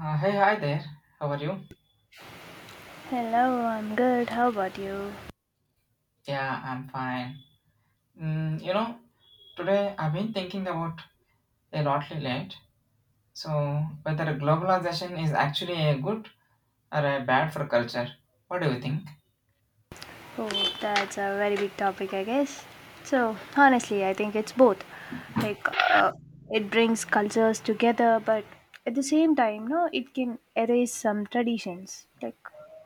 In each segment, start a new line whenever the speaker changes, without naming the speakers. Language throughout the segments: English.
Hey, hi there. How are you?
Hello, I'm good. How about you?
Yeah, I'm fine. You know, today I've been thinking about a lot lately. Right? So, whether globalization is actually a good or a bad for culture. What do you think?
Oh, that's a very big topic, I guess. So, honestly, I think it's both. Like, uh, it brings cultures together, but at the same time, no, it can erase some traditions. Like,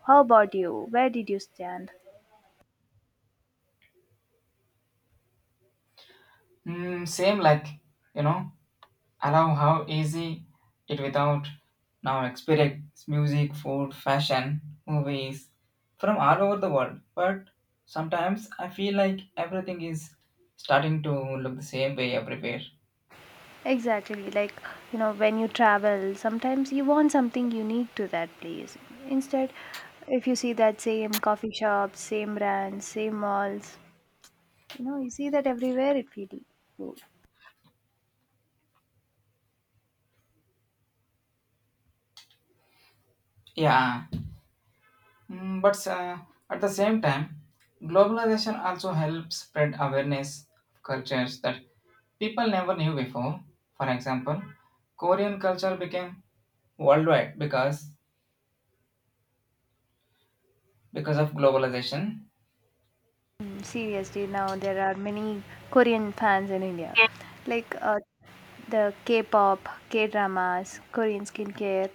how about you? Where did you stand?
Mm, same like, you know, allow how easy it without now experience music, food, fashion, movies from all over the world. But sometimes I feel like everything is starting to look the same way everywhere.
Exactly. Like, you know, when you travel, sometimes you want something unique to that place. Instead, if you see that same coffee shop, same brands, same malls, you know, you see that everywhere, it feel,
Yeah. Mm, but at the same time, globalization also helps spread awareness of cultures that people never knew before. For example, Korean culture became worldwide because of globalization.
mm, seriously, now there are many Korean fans in India. Like uh, the K-pop, K-dramas, Korean skincare,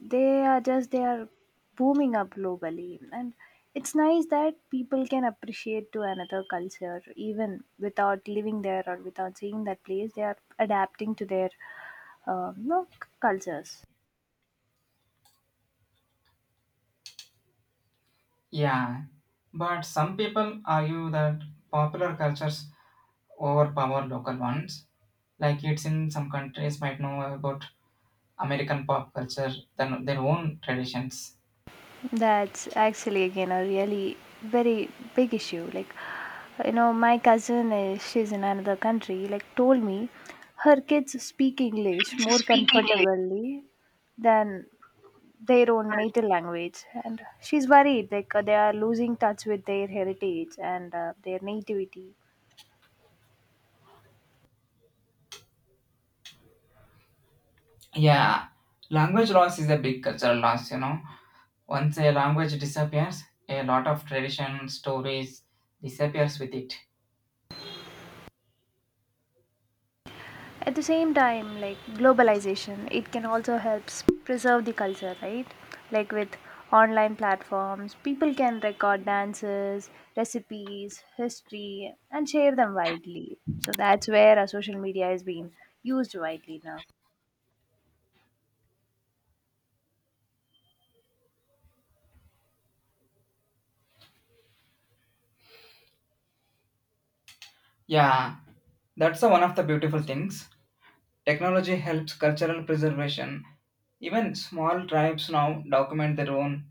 they are booming up globally, and it's nice that people can appreciate to another culture even without living there or without seeing that place. They are adapting to their cultures.
Yeah, but some people argue that popular cultures overpower local ones. Like it's in some countries might know about American pop culture than their own traditions.
That's actually again a really very big issue. Like, you know, my cousin is she's in another country. Like, told me her kids speak English more
Speak English.
comfortably than their own native language, and she's worried they are losing touch with their heritage and their nativity.
Yeah, language loss is a big cultural loss, you know. Once a language disappears, a lot of tradition stories disappears with it.
At the same time, like globalization, it can also helps preserve the culture, right? Like with online platforms, people can record dances, recipes, history, and share them widely. So that's where our social media is being used widely now.
Yeah, that's the one of the beautiful things. Technology helps cultural preservation. Even small tribes now document their own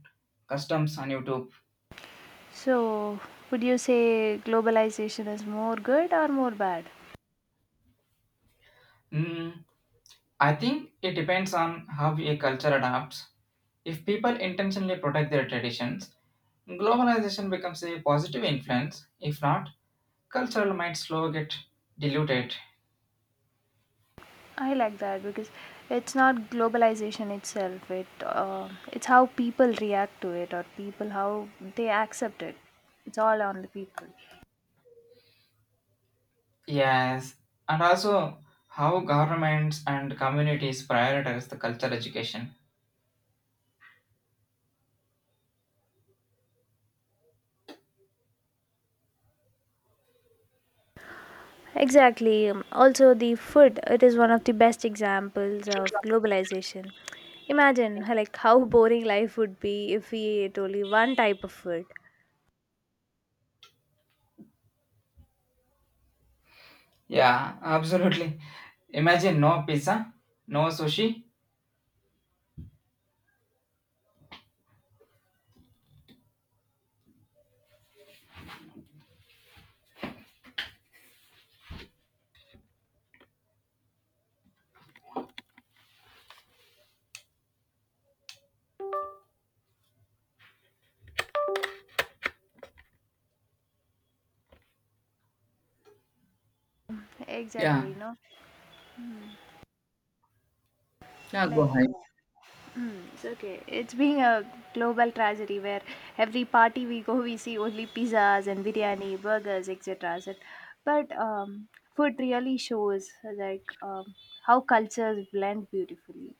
customs on YouTube.
So, would you say globalization is more good or more bad?
Mm, I think it depends on how a culture adapts. If people intentionally protect their traditions, globalization becomes a positive influence. If not, cultural might slow get diluted.
I like that because it's not globalization itself. It's how people react to it or people how they accept it. It's all on the people.
Yes, and also how governments and communities prioritize the cultural education.
Exactly. Also, the food, it is one of the best examples of globalization. Imagine how boring life would be if we ate only one type of food.
Yeah, absolutely. Imagine no pizza, no sushi. Yeah,
Exactly, you know,
yeah, go
like
ahead.
uh, it's okay. It's being a global tragedy where every party we go, we see only pizzas and biryani, burgers, etc. But food really shows like um, how cultures blend beautifully.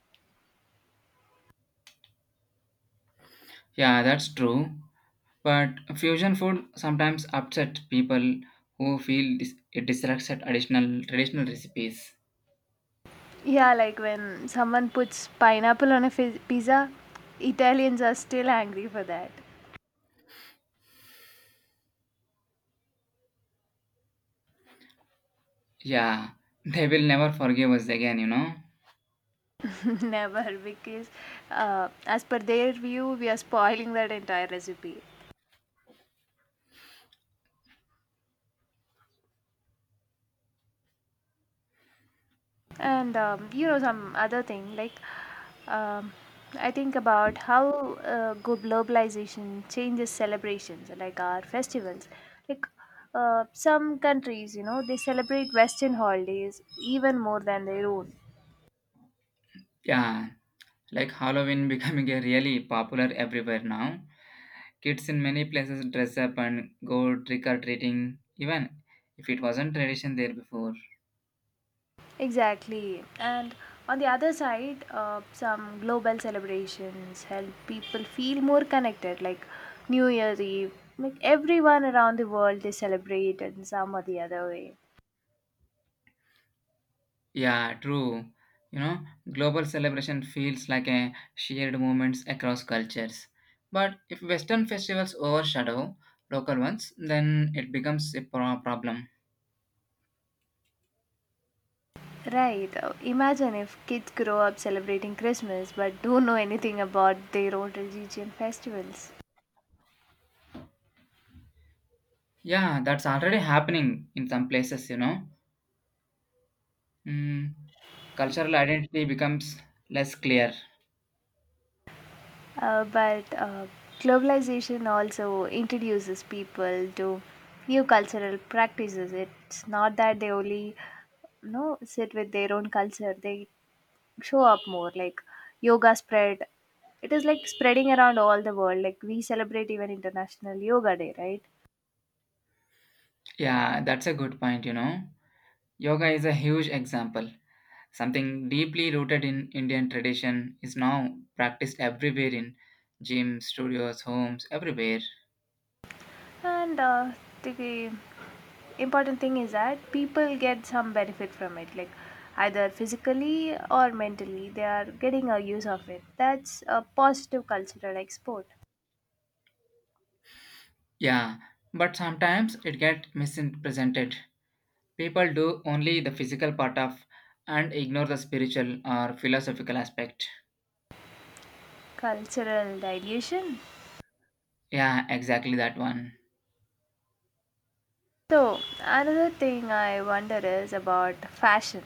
Yeah, that's true. But fusion food sometimes upset people who feel dis- it distracts at additional traditional recipes.
Yeah, like when someone puts pineapple on a pizza, Italians are still angry for that.
Yeah, they will never forgive us again, you know.
Never, because as per their view, we are spoiling that entire recipe. And you know, some other thing like um, I think about how globalization changes celebrations, like our festivals. Like some countries, you know, they celebrate Western holidays even more than their own.
Yeah, like Halloween becoming a really popular everywhere now. Kids in many places dress up and go trick or treating, even if it wasn't tradition there before.
Exactly. And on the other side, some global celebrations help people feel more connected, like New Year's Eve. Like everyone around the world, they celebrate in some or the other way.
Yeah, true. You know, global celebration feels like a shared movement across cultures. But if Western festivals overshadow local ones, then it becomes a pro- problem.
Right. Imagine if kids grow up celebrating Christmas but don't know anything about their own religion festivals.
Yeah, that's already happening in some places, you know. Mm, cultural identity becomes less clear.
But globalization also introduces people to new cultural practices. It's not that they only you know sit with their own culture. They show up more like yoga spread. It is like spreading around all the world. Like we celebrate even International Yoga Day, right?
Yeah, that's a good point, you know. Yoga is a huge example. Something deeply rooted in Indian tradition is now practiced everywhere in gyms, studios, homes, everywhere.
And the important thing is that people get some benefit from it, like either physically or mentally, they are getting a use of it. That's a positive cultural export.
Yeah, but sometimes it gets misrepresented. People do only the physical part of and ignore the spiritual or philosophical aspect.
Cultural dilution.
Yeah, exactly that one.
So, another thing I wonder is about fashion.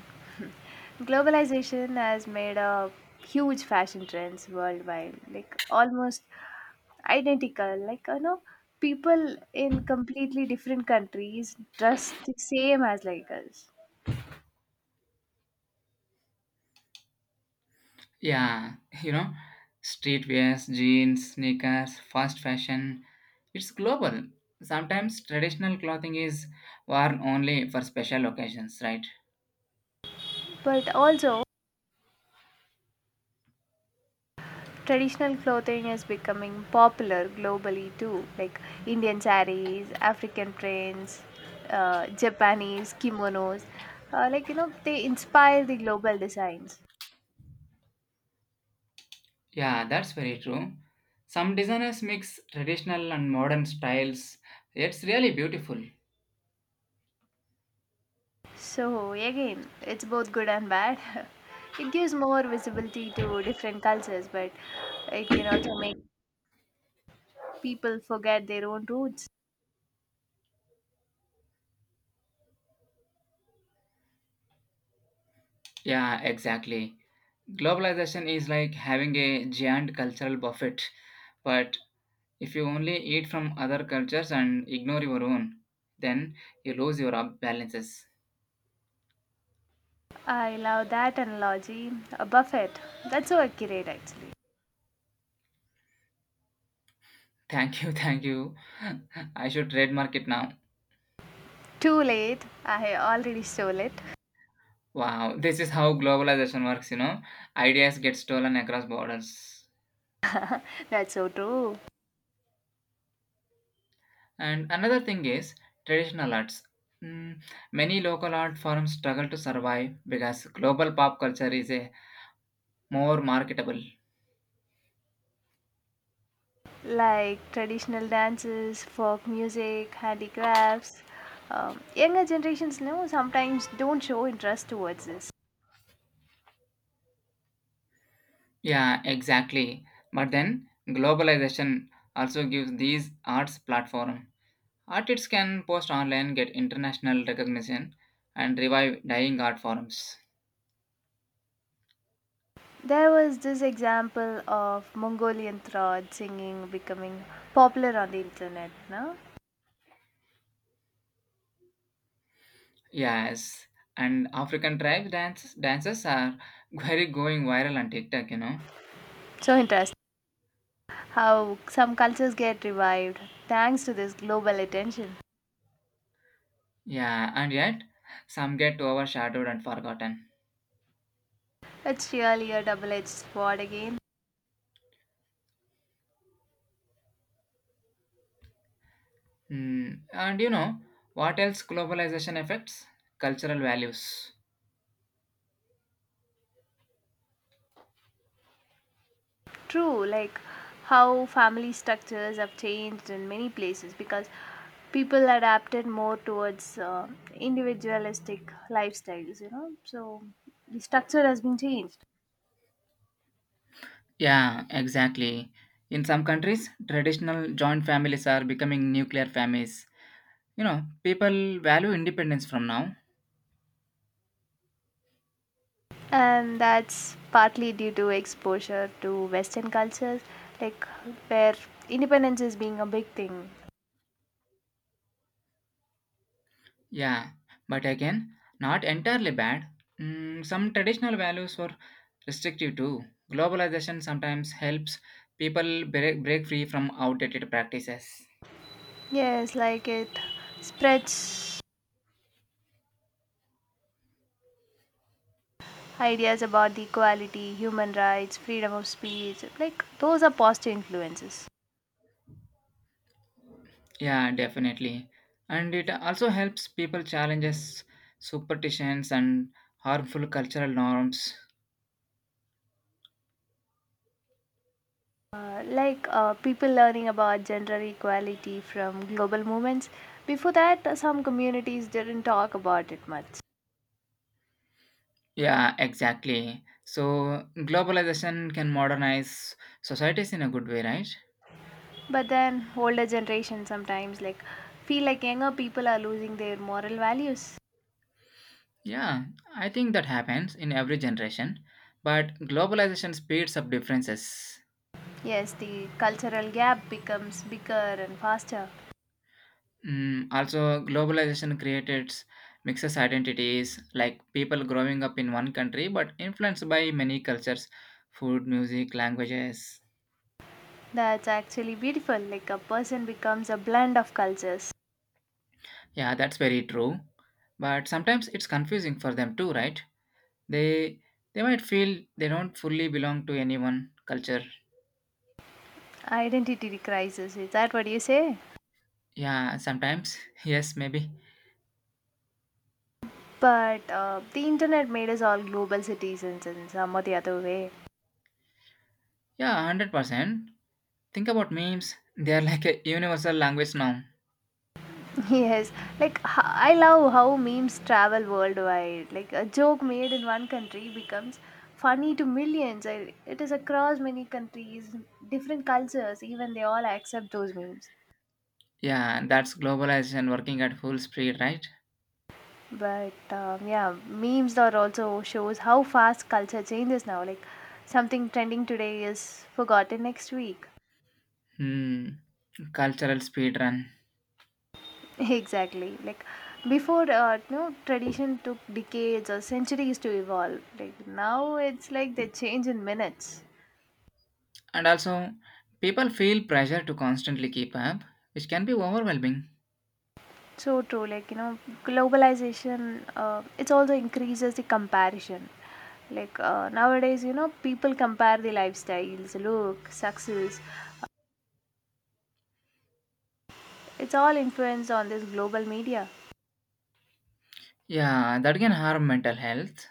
Globalization has made a huge fashion trends worldwide, like almost identical. Like, you know, people in completely different countries dress the same as like us.
Yeah, you know, streetwears, jeans, sneakers, fast fashion, it's global. Sometimes traditional clothing is worn only for special occasions, right?
But also, traditional clothing is becoming popular globally too, like Indian saris, African prints, Japanese kimonos. Like, you know, they inspire the global designs.
Yeah, that's very true. Some designers mix traditional and modern styles. It's really beautiful.
So, again, it's both good and bad. It gives more visibility to different cultures, but it can also make people forget their own roots.
Yeah, exactly. Globalization is like having a giant cultural buffet, but if you only eat from other cultures and ignore your own, then you lose your up- balances.
I love that analogy. A buffet. That's so accurate, actually.
Thank you, thank you. I should trademark it now.
Too late. I already stole it.
Wow, this is how globalization works, you know. Ideas get stolen across borders.
That's so true.
And another thing is traditional arts. Mm, many local art forms struggle to survive because global pop culture is a more marketable.
Like traditional dances, folk music, handicrafts. Younger generations now sometimes don't show interest towards this.
Yeah, exactly. But then globalization also gives these arts platform. Artists can post online, get international recognition, and revive dying art forms.
There was this example of Mongolian throat singing becoming popular on the internet. No?
Yes, and African tribe dances are very going viral on TikTok, you know.
So interesting how some cultures get revived thanks to this global attention.
Yeah, and yet some get overshadowed and forgotten.
It's really a double edged sword again.
Hmm. And you know what else globalization affects? Cultural values.
True, like how family structures have changed in many places because people adapted more towards individualistic lifestyles, you know. So the structure has been changed,
Yeah, exactly. In some countries, traditional joint families are becoming nuclear families. You know, people value independence from now.
and that's partly due to exposure to Western cultures, like where independence is being a big thing.
Yeah, but again, not entirely bad. Mm, some traditional values were restrictive too. Globalization sometimes helps people break free from outdated practices.
Yes, like it spreads ideas about the equality, human rights, freedom of speech. Like those are positive influences.
Yeah, definitely. And it also helps people challenges superstitions and harmful cultural norms.
People learning about gender equality from global movements. Before that, some communities didn't talk about it much.
Yeah, exactly. So globalization can modernize societies in a good way, right?
But then, older generation sometimes like feel like younger people are losing their moral values.
Yeah, I think that happens in every generation, but globalization speeds up differences.
Yes, the cultural gap becomes bigger and faster.
Mm, also, globalization created mixes identities, like people growing up in one country but influenced by many cultures, food, music, languages.
That's actually beautiful. Like a person becomes a blend of cultures.
Yeah, that's very true. But sometimes it's confusing for them too, right? They they might feel they don't fully belong to any one culture.
Identity crisis. Is that what you say?
Yeah, sometimes. Yes, maybe.
But the internet made us all global citizens in some or the other way.
Yeah, 100%. Think about memes. They are like a universal language now.
Yes, like I love how memes travel worldwide. Like a joke made in one country becomes funny to millions. It is across many countries, different cultures, even they all accept those memes.
Yeah, that's globalization working at full speed, right?
But yeah, memes are also shows how fast culture changes now. Like something trending today is forgotten next week.
Hmm. Cultural speed run.
Exactly. Like before, you know, tradition took decades or centuries to evolve. Like now, it's like they change in minutes.
And also, people feel pressure to constantly keep up, which can be overwhelming.
So true, like you know, globalization, it also increases the comparison. Nowadays, you know, people compare the lifestyles, look, success. It's all influenced on this global media.
Yeah, that can harm mental health.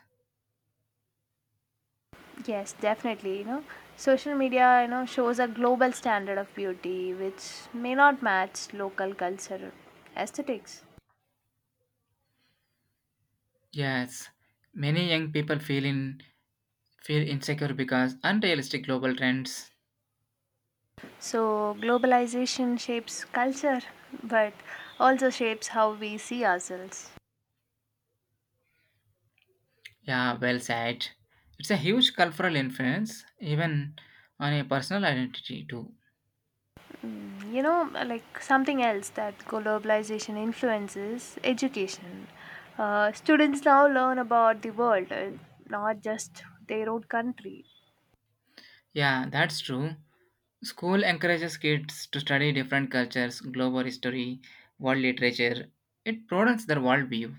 Yes, definitely, you know, social media, you know, shows a global standard of beauty which may not match local culture aesthetics.
Yes, many young people feel insecure because unrealistic global trends.
So globalization shapes culture, but also shapes how we see ourselves.
Yeah, well said. It's a huge cultural influence, even on a personal identity too.
Mm, you know, like something else that globalization influences education. Students now learn about the world, not just their own country.
Yeah, that's true. School encourages kids to study different cultures, global history, world literature. It broadens their worldview.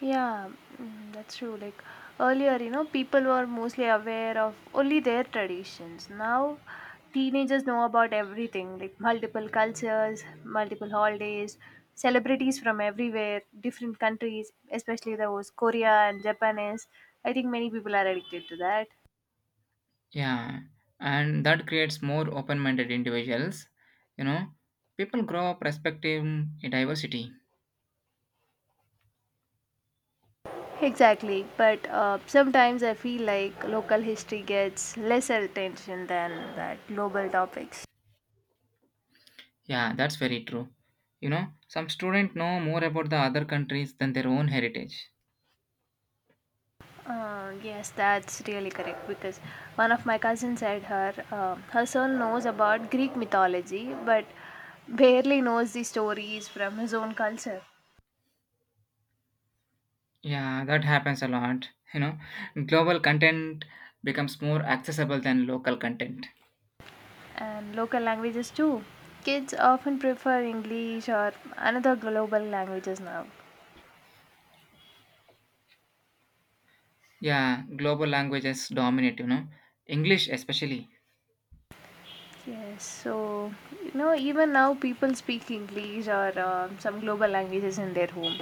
Yeah, mm, that's true. Like earlier, you know, people were mostly aware of only their traditions. Now, teenagers know about everything like multiple cultures, multiple holidays, celebrities from everywhere, different countries, especially those Korea and Japanese. I think many people are addicted to that.
Yeah, and that creates more open minded individuals. You know, people grow up respecting diversity.
Exactly, but sometimes I feel like local history gets lesser attention than that global topics.
Yeah, that's very true. You know, some students know more about the other countries than their own heritage.
Yes, that's really correct because one of my cousins said her son knows about Greek mythology, but barely knows the stories from his own culture
Yeah, that happens a lot. You know, global content becomes more accessible than local content.
and local languages too. Kids often prefer English or another global languages now.
Yeah, global languages dominate, you know, English especially.
Yes, so you know, even now people speak English or some global languages in their home.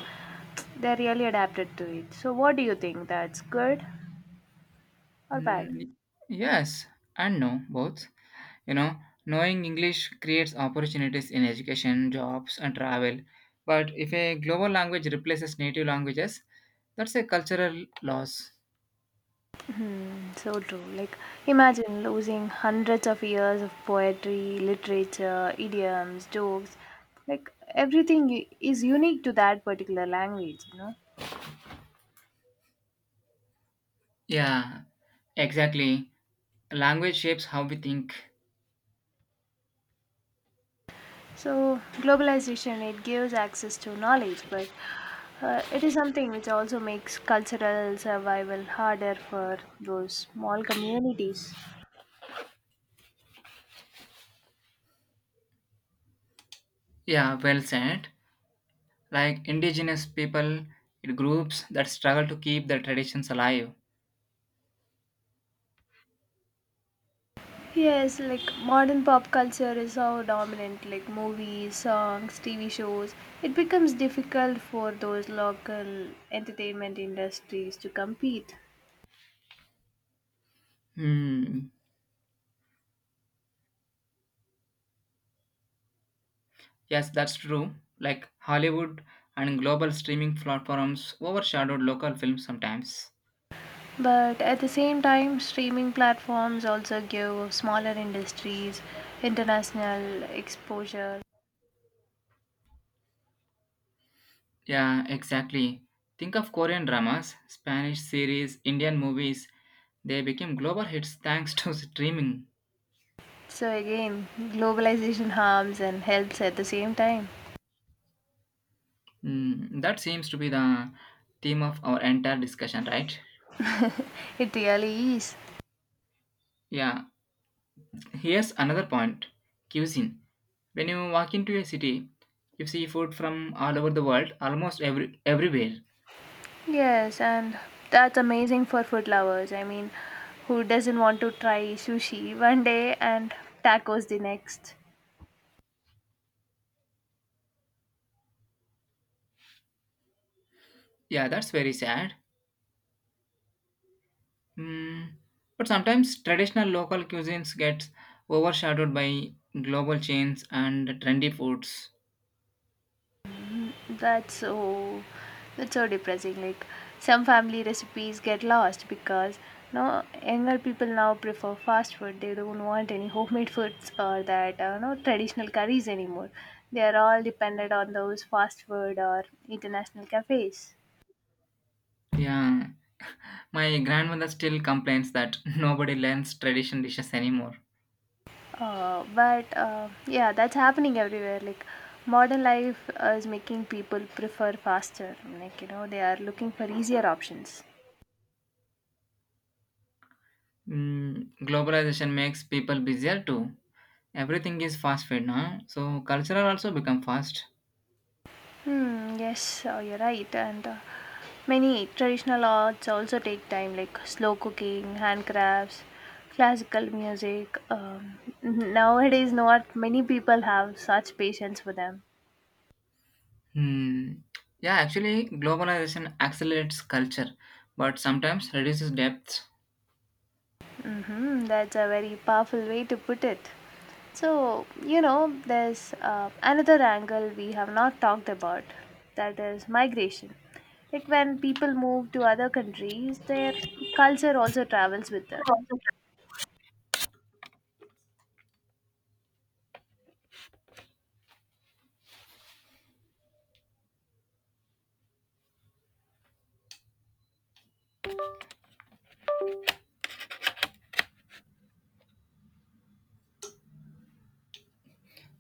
They're really adapted to it. So, what do you think? That's good or bad?
Mm, yes and no, both. You know, knowing English creates opportunities in education, jobs, and travel. But if a global language replaces native languages, that's a cultural loss.
Mm, so true. Like, imagine losing hundreds of years of poetry, literature, idioms, jokes. Like, everything is unique to that particular language, you know?
Yeah, exactly. Language shapes how we think.
So globalization it gives access to knowledge, but it is something which also makes cultural survival harder for those small communities.
Yeah, well said. Like indigenous people, it groups that struggle to keep their traditions alive.
Yes, like modern pop culture is so dominant, like movies, songs, TV shows. It becomes difficult for those local entertainment industries to compete.
Hmm. Yes, that's true. Like Hollywood and global streaming platforms overshadowed local films sometimes.
But at the same time, streaming platforms also give smaller industries international exposure.
Yeah, exactly. Think of Korean dramas, Spanish series, Indian movies. They became global hits thanks to streaming.
So again, globalization harms and helps at the same time.
Mm, that seems to be the theme of our entire discussion, right?
It really is.
Yeah. Here's another point cuisine. When you walk into a city, you see food from all over the world, almost everywhere.
Yes, and that's amazing for food lovers. I mean, who doesn't want to try sushi one day and tacos the next?
Yeah, that's very sad. Mm, but sometimes traditional local cuisines gets overshadowed by global chains and trendy foods.
That's so that's so depressing. Like some family recipes get lost because no younger people now prefer fast food. They don't want any homemade foods or that no traditional curries anymore. They are all dependent on those fast food or international cafes.
Yeah, my grandmother still complains that nobody learns traditional dishes anymore.
But Yeah, that's happening everywhere. Like modern life is making people prefer faster. Like you know they are looking for easier options.
Mm, globalization makes people busier too. Everything is fast food now, so cultural also become fast.
Hmm, yes, you're right. And many traditional arts also take time, like slow cooking, handcrafts, classical music. Nowadays, not many people have such patience for them.
Hmm. Yeah, actually, globalization accelerates culture, but sometimes reduces depth.
Mm-hmm, that's a very powerful way to put it. So, you know, there's another angle we have not talked about that is migration. Like when people move to other countries, their culture also travels with them.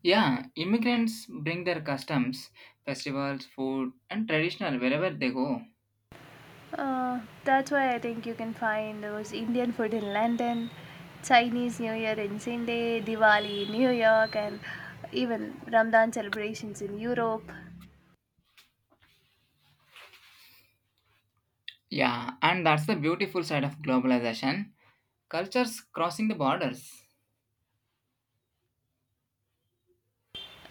Yeah, immigrants bring their customs, festivals, food, and traditional wherever they go.
That's why I think you can find those Indian food in London, Chinese New Year in Sydney, Diwali in New York, and even Ramadan celebrations in Europe.
Yeah, and that's the beautiful side of globalization. Cultures crossing the borders.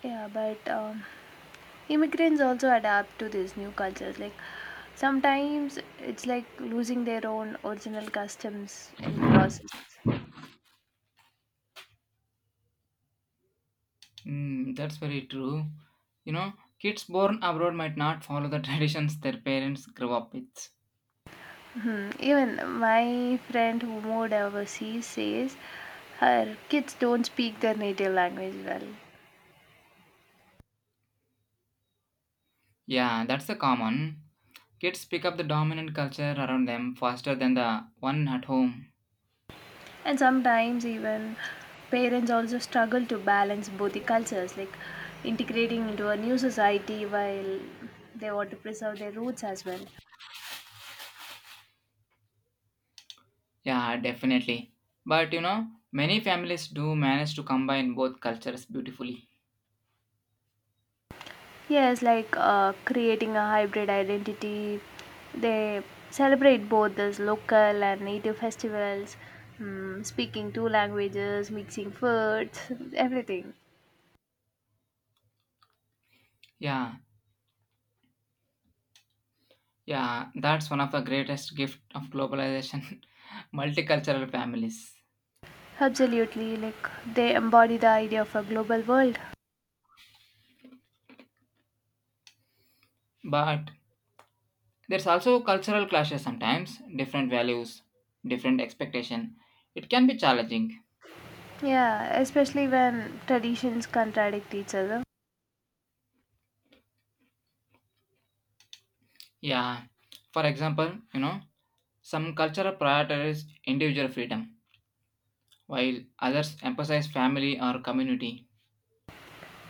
Yeah, but immigrants also adapt to these new cultures. Like sometimes it's like losing their own original customs in the process.
Mm, that's very true. You know, kids born abroad might not follow the traditions their parents grew up with.
Hmm. Even my friend who moved overseas says her kids don't speak their native language well.
Yeah, that's the common. Kids pick up the dominant culture around them faster than the one at home.
And sometimes even parents also struggle to balance both the cultures, like integrating into a new society while they want to preserve their roots as well.
Yeah, definitely. But you know, many families do manage to combine both cultures beautifully.
Yes, like creating a hybrid identity, they celebrate both these local and native festivals, speaking two languages, mixing foods, everything.
Yeah, yeah, that's one of the greatest gift of globalization, multicultural families.
Absolutely, like they embody the idea of a global world.
But there's also cultural clashes sometimes, different values, different expectation. It can be challenging.
Yeah, especially when traditions contradict each other.
Yeah. For example, you know, some cultural prioritize individual freedom, while others emphasize family or community.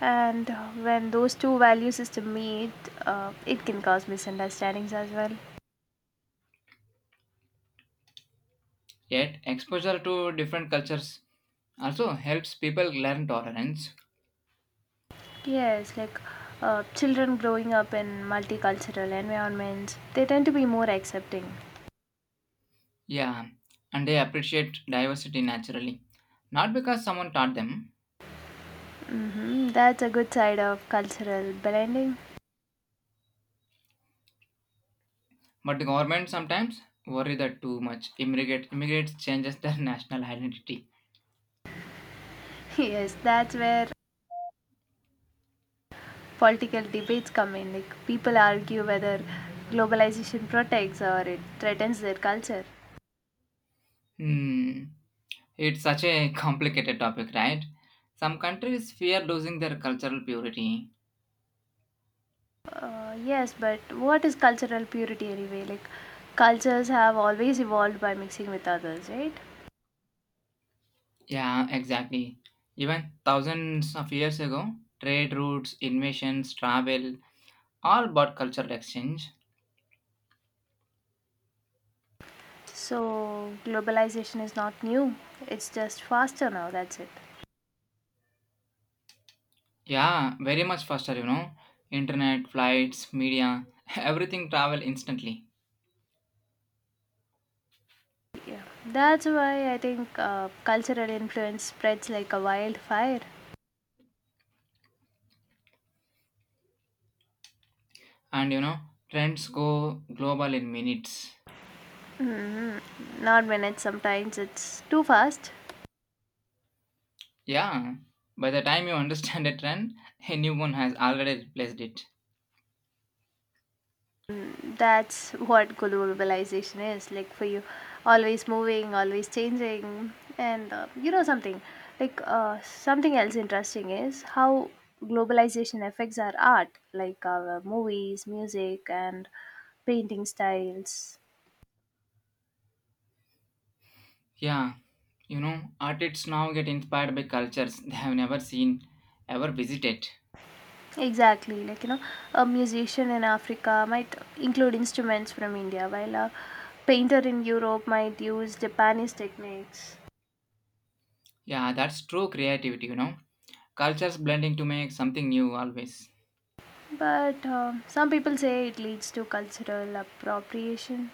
And when those two value system meet, it can cause misunderstandings as well.
Yet, exposure to different cultures also helps people learn tolerance.
Yes, like children growing up in multicultural environments, they tend to be more accepting.
Yeah, and they appreciate diversity naturally. Not because someone taught them,
Hmm. That's a good side of cultural blending.
but the government sometimes worry that too much immigrate immigrants changes their national identity.
Yes, that's where political debates come in. Like, people argue whether globalization protects or it threatens their culture.
Hmm, it's such a complicated topic, right? Some countries fear losing their cultural purity.
Yes, but what is cultural purity anyway? Like, cultures have always evolved by mixing with others, right?
Yeah, exactly. Even thousands of years ago, trade routes, invasions, travel, all about cultural exchange.
So, globalization is not new, it's just faster now, that's it.
Yeah, very much faster, you know. Internet, flights, media, everything travel instantly.
Yeah, that's why I think cultural influence spreads like a wildfire.
And you know, trends go global in minutes.
Not when it's, sometimes it's too fast.
Yeah, by the time you understand a trend, a new one has already replaced it.
That's what globalization is like for you. Always moving, always changing. And you know something, like something else interesting is how globalization affects our art, like our movies, music, and painting styles.
Yeah, you know, artists now get inspired by cultures they have never seen, ever visited.
Exactly, like you know, a musician in Africa might include instruments from India, while a painter in Europe might use Japanese techniques.
Yeah, that's true creativity, you know. Cultures blending to make something new always.
But some people say it leads to cultural appropriation,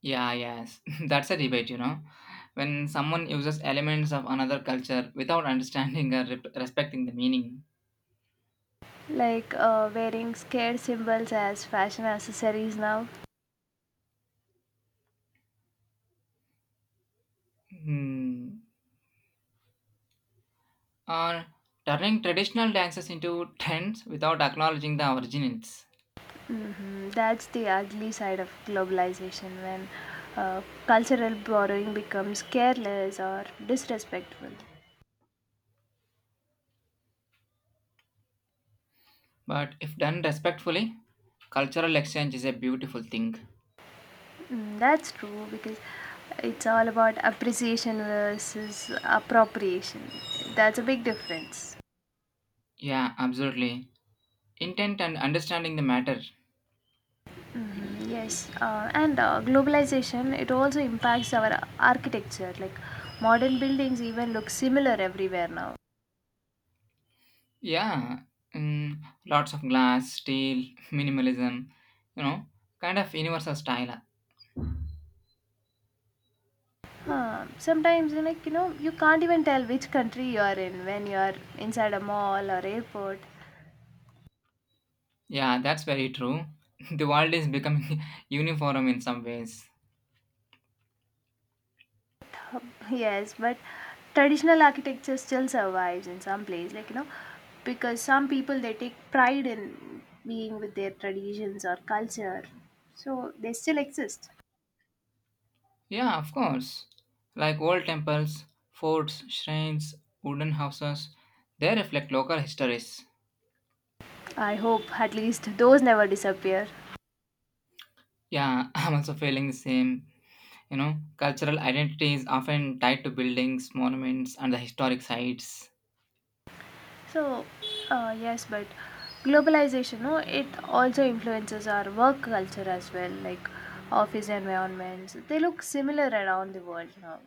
Yeah, yes. That's a debate, you know. When someone uses elements of another culture without understanding or re- respecting the meaning.
like wearing scared symbols as fashion accessories now.
Hmm. Or turning traditional dances into trends without acknowledging the origins.
Hmm. That's the ugly side of globalization when uh, cultural borrowing becomes careless or disrespectful.
But if done respectfully, cultural exchange is a beautiful thing.
Mm, that's true because it's all about appreciation versus appropriation. That's a big difference.
Yeah, absolutely. Intent and understanding the matter.
Yes, and globalization, it also impacts our architecture. Like, modern buildings even look similar everywhere now.
Yeah. Mm, lots of glass, steel, minimalism, you know, kind of universal style.
Sometimes, like you know, you can't even tell which country you are in when you are inside a mall or airport.
Yeah, that's very true. The world is becoming uniform in some ways.
Yes, but traditional architecture still survives in some place. Like, you know, because some people, they take pride in being with their traditions or culture, so they still exist.
Yeah, of course. Like old temples, forts, shrines, wooden houses, they reflect local histories.
I hope at least those never disappear.
Yeah, I'm also feeling the same. You know, cultural identity is often tied to buildings, monuments, and the historic sites.
So, yes, but globalization, no, it also influences our work culture as well, like office environments. They look similar around the world now.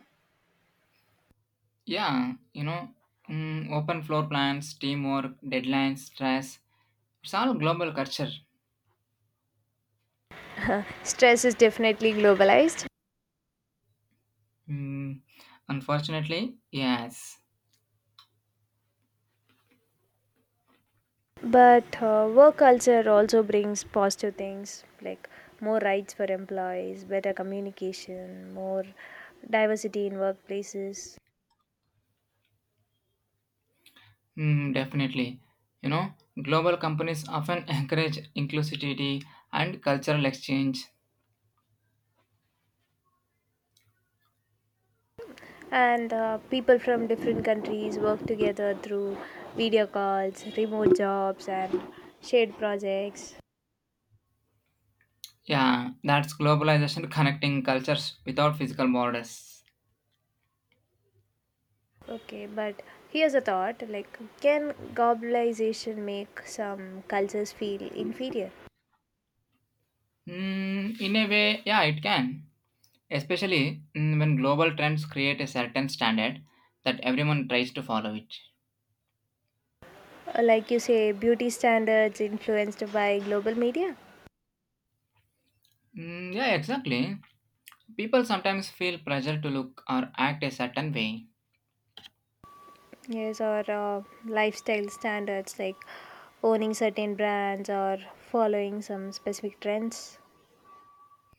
Yeah, you know, open floor plans, teamwork, deadlines, stress. It's all global culture.
Stress is definitely globalized,
Mm, unfortunately, yes.
but work culture also brings positive things, like more rights for employees, better communication, more diversity in workplaces.
Hmm, definitely. You know, global companies often encourage inclusivity and cultural exchange.
And people from different countries work together through video calls, remote jobs, and shared projects.
Yeah, that's globalization connecting cultures without physical borders.
Okay, but here's a thought, like can globalization make some cultures feel inferior?
Hmm, in a way, yeah, it can. Especially when global trends create a certain standard that everyone tries to follow it.
Like you say, beauty standards influenced by global media.
Yeah, exactly. People sometimes feel pressure to look or act a certain way.
Yes, or lifestyle standards, like owning certain brands or following some specific trends.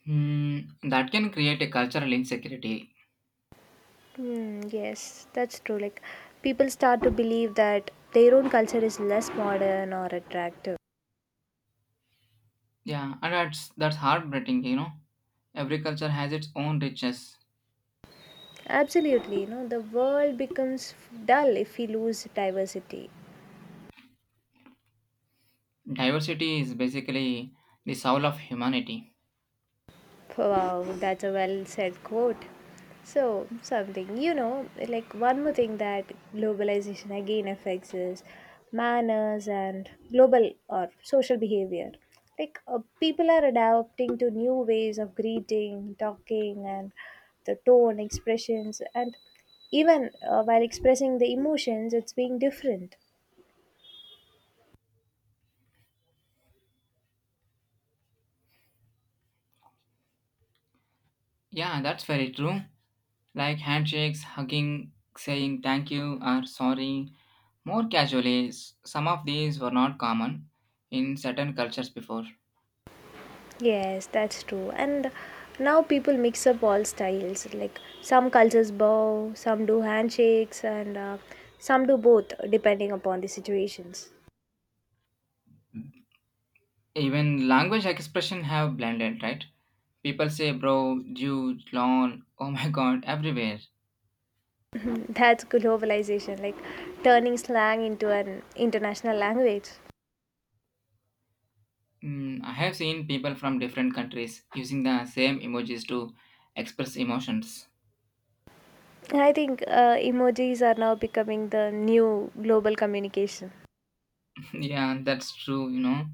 Hmm, that can create a cultural insecurity.
Hmm, yes, that's true. Like, people start to believe that their own culture is less modern or attractive.
Yeah, and that's heartbreaking, you know. Every culture has its own richness.
Absolutely, you know, the world becomes dull if we lose diversity.
Diversity is basically the soul of humanity.
Wow, that's a well said quote. So, something, you know, like one more thing that globalization again affects is manners and global or social behavior. Like, people are adapting to new ways of greeting, talking, and the tone, expressions, and even while expressing the emotions, it's being different.
Yeah, that's very true. Like handshakes, hugging, saying thank you or sorry. More casually, s- some of these were not common in certain cultures before.
Yes, that's true. And now people mix up all styles. Like, some cultures bow, some do handshakes, and some do both, depending upon the situations.
Even language expression have blended, right? People say bro, dude, lol, oh my god, everywhere.
That's globalization, like turning slang into an international language.
Mm, I have seen people from different countries using the same emojis to express emotions.
I think emojis are now becoming the new global communication.
Yeah, that's true, you know.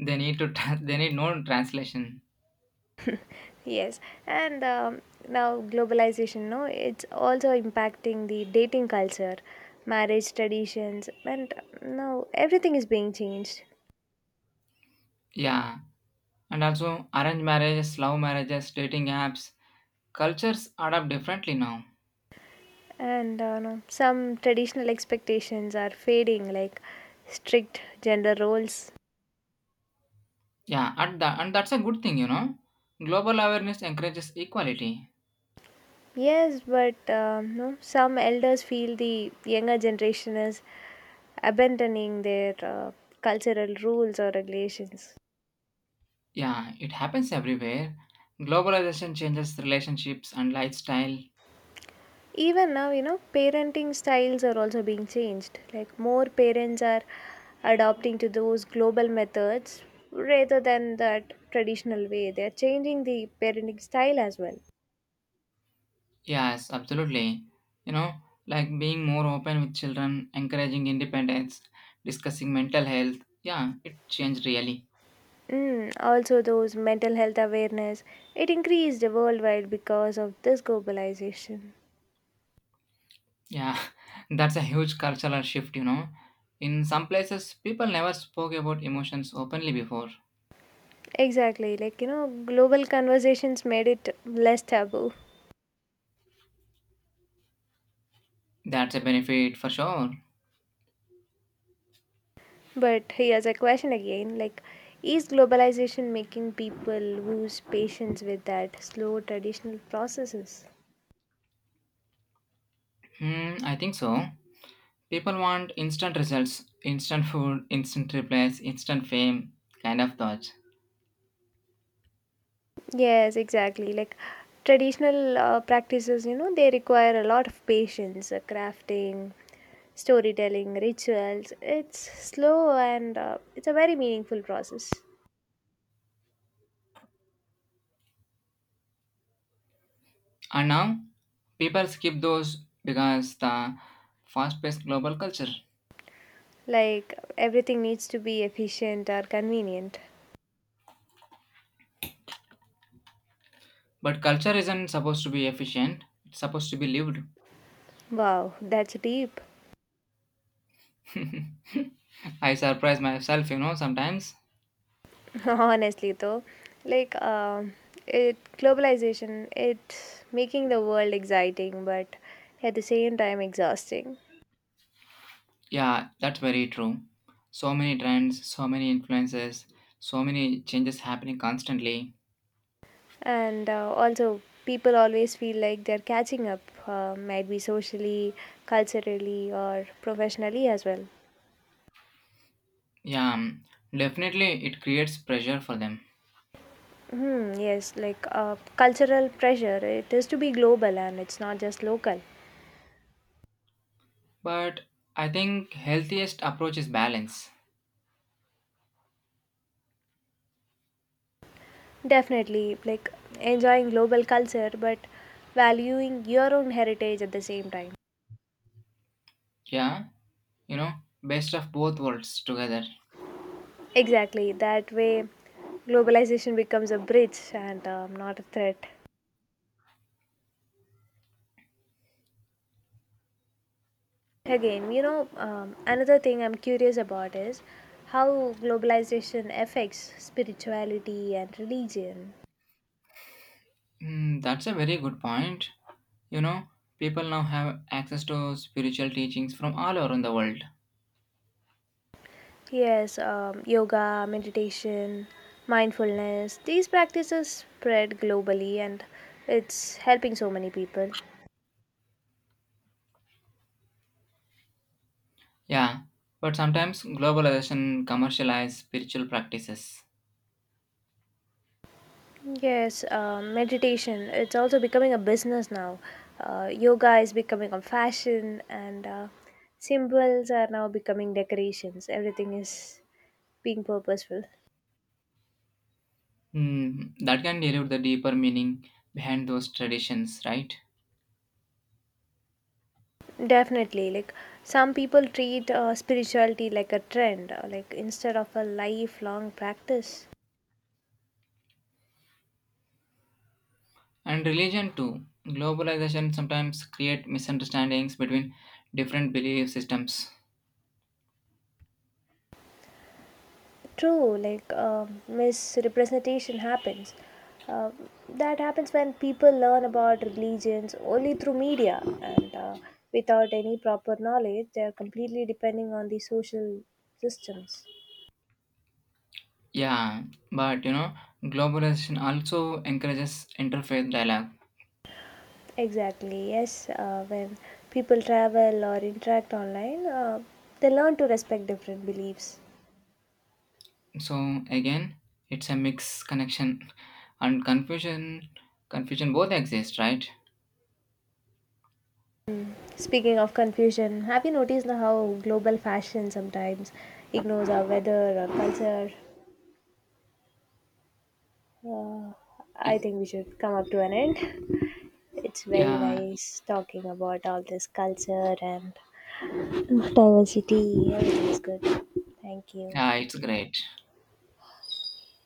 They need to tra- they need no translation.
Yes, and now globalization, no, it's also impacting the dating culture, marriage traditions, and now everything is being changed.
Yeah. And also arranged marriages, love marriages, dating apps, cultures adapt differently now.
And no, some traditional expectations are fading, like strict gender roles.
Yeah, and that's a good thing, you know. Global awareness encourages equality.
Yes, but no, some elders feel the younger generation is abandoning their cultural rules or regulations.
Yeah, it happens everywhere. Globalization changes relationships and lifestyle.
Even now, you know, parenting styles are also being changed. Like, more parents are adopting to those global methods rather than that traditional way. They are changing the parenting style as well.
Yes, absolutely. You know, like being more open with children, encouraging independence, discussing mental health. Yeah, it changed really.
Mm, also, those mental health awareness, it increased worldwide because of this globalization.
Yeah, that's a huge cultural shift, you know. In some places, people never spoke about emotions openly before.
Exactly, like you know, global conversations made it less taboo.
That's a benefit for sure.
But here's a question again, like is globalization making people lose patience with that slow traditional processes?
Hmm, I think so. People want instant results, instant food, instant replies, instant fame, kind of thoughts.
Yes, exactly. Like traditional practices, you know, they require a lot of patience, crafting, storytelling, rituals. It's slow, and it's a very meaningful process.
And now, people skip those because the fast-paced global culture.
Like everything needs to be efficient or convenient.
But culture isn't supposed to be efficient. It's supposed to be lived.
Wow, that's deep.
I surprise myself, you know, sometimes.
Honestly, though, like it globalization, it's making the world exciting, but at the same time exhausting.
Yeah, that's very true. So many trends, so many influences, so many changes happening constantly.
And also, people always feel like they're catching up, might be socially, culturally, or professionally as well.
Yeah, definitely it creates pressure for them.
Hmm, yes, like cultural pressure, it is to be global and it's not just local.
But I think healthiest approach is balance.
Definitely, like enjoying global culture, but valuing your own heritage at the same time.
Yeah, you know, best of both worlds together.
Exactly. That way, globalization becomes a bridge and not a threat. Again, you know, another thing I'm curious about is how globalization affects spirituality and religion.
Mm, that's a very good point. You know, people now have access to spiritual teachings from all around the world.
Yes, yoga, meditation, mindfulness, these practices spread globally and it's helping so many people.
Yeah, but sometimes globalization commercialize spiritual practices.
Yes, meditation, it's also becoming a business now. Yoga is becoming a fashion, and symbols are now becoming decorations. Everything is being purposeful.
Hmm, that can dilute the deeper meaning behind those traditions, right?
Definitely, like some people treat spirituality like a trend, like instead of a lifelong practice.
And religion too. Globalization sometimes create misunderstandings between different belief systems.
True, like misrepresentation happens. Uh, that happens when people learn about religions only through media, and without any proper knowledge, they are completely depending on the social systems.
Yeah, but you know, globalization also encourages interfaith dialogue.
Exactly, yes. When people travel or interact online, they learn to respect different beliefs.
So again, it's a mixed connection and confusion. Confusion both exist, right?
Speaking of confusion, have you noticed now how global fashion sometimes ignores our weather or culture? Uh, I
Y-
think we should come up to an end. It's very
yeah,
nice talking about all this culture and diversity. Everything is good. Thank you.
yeah, it's great.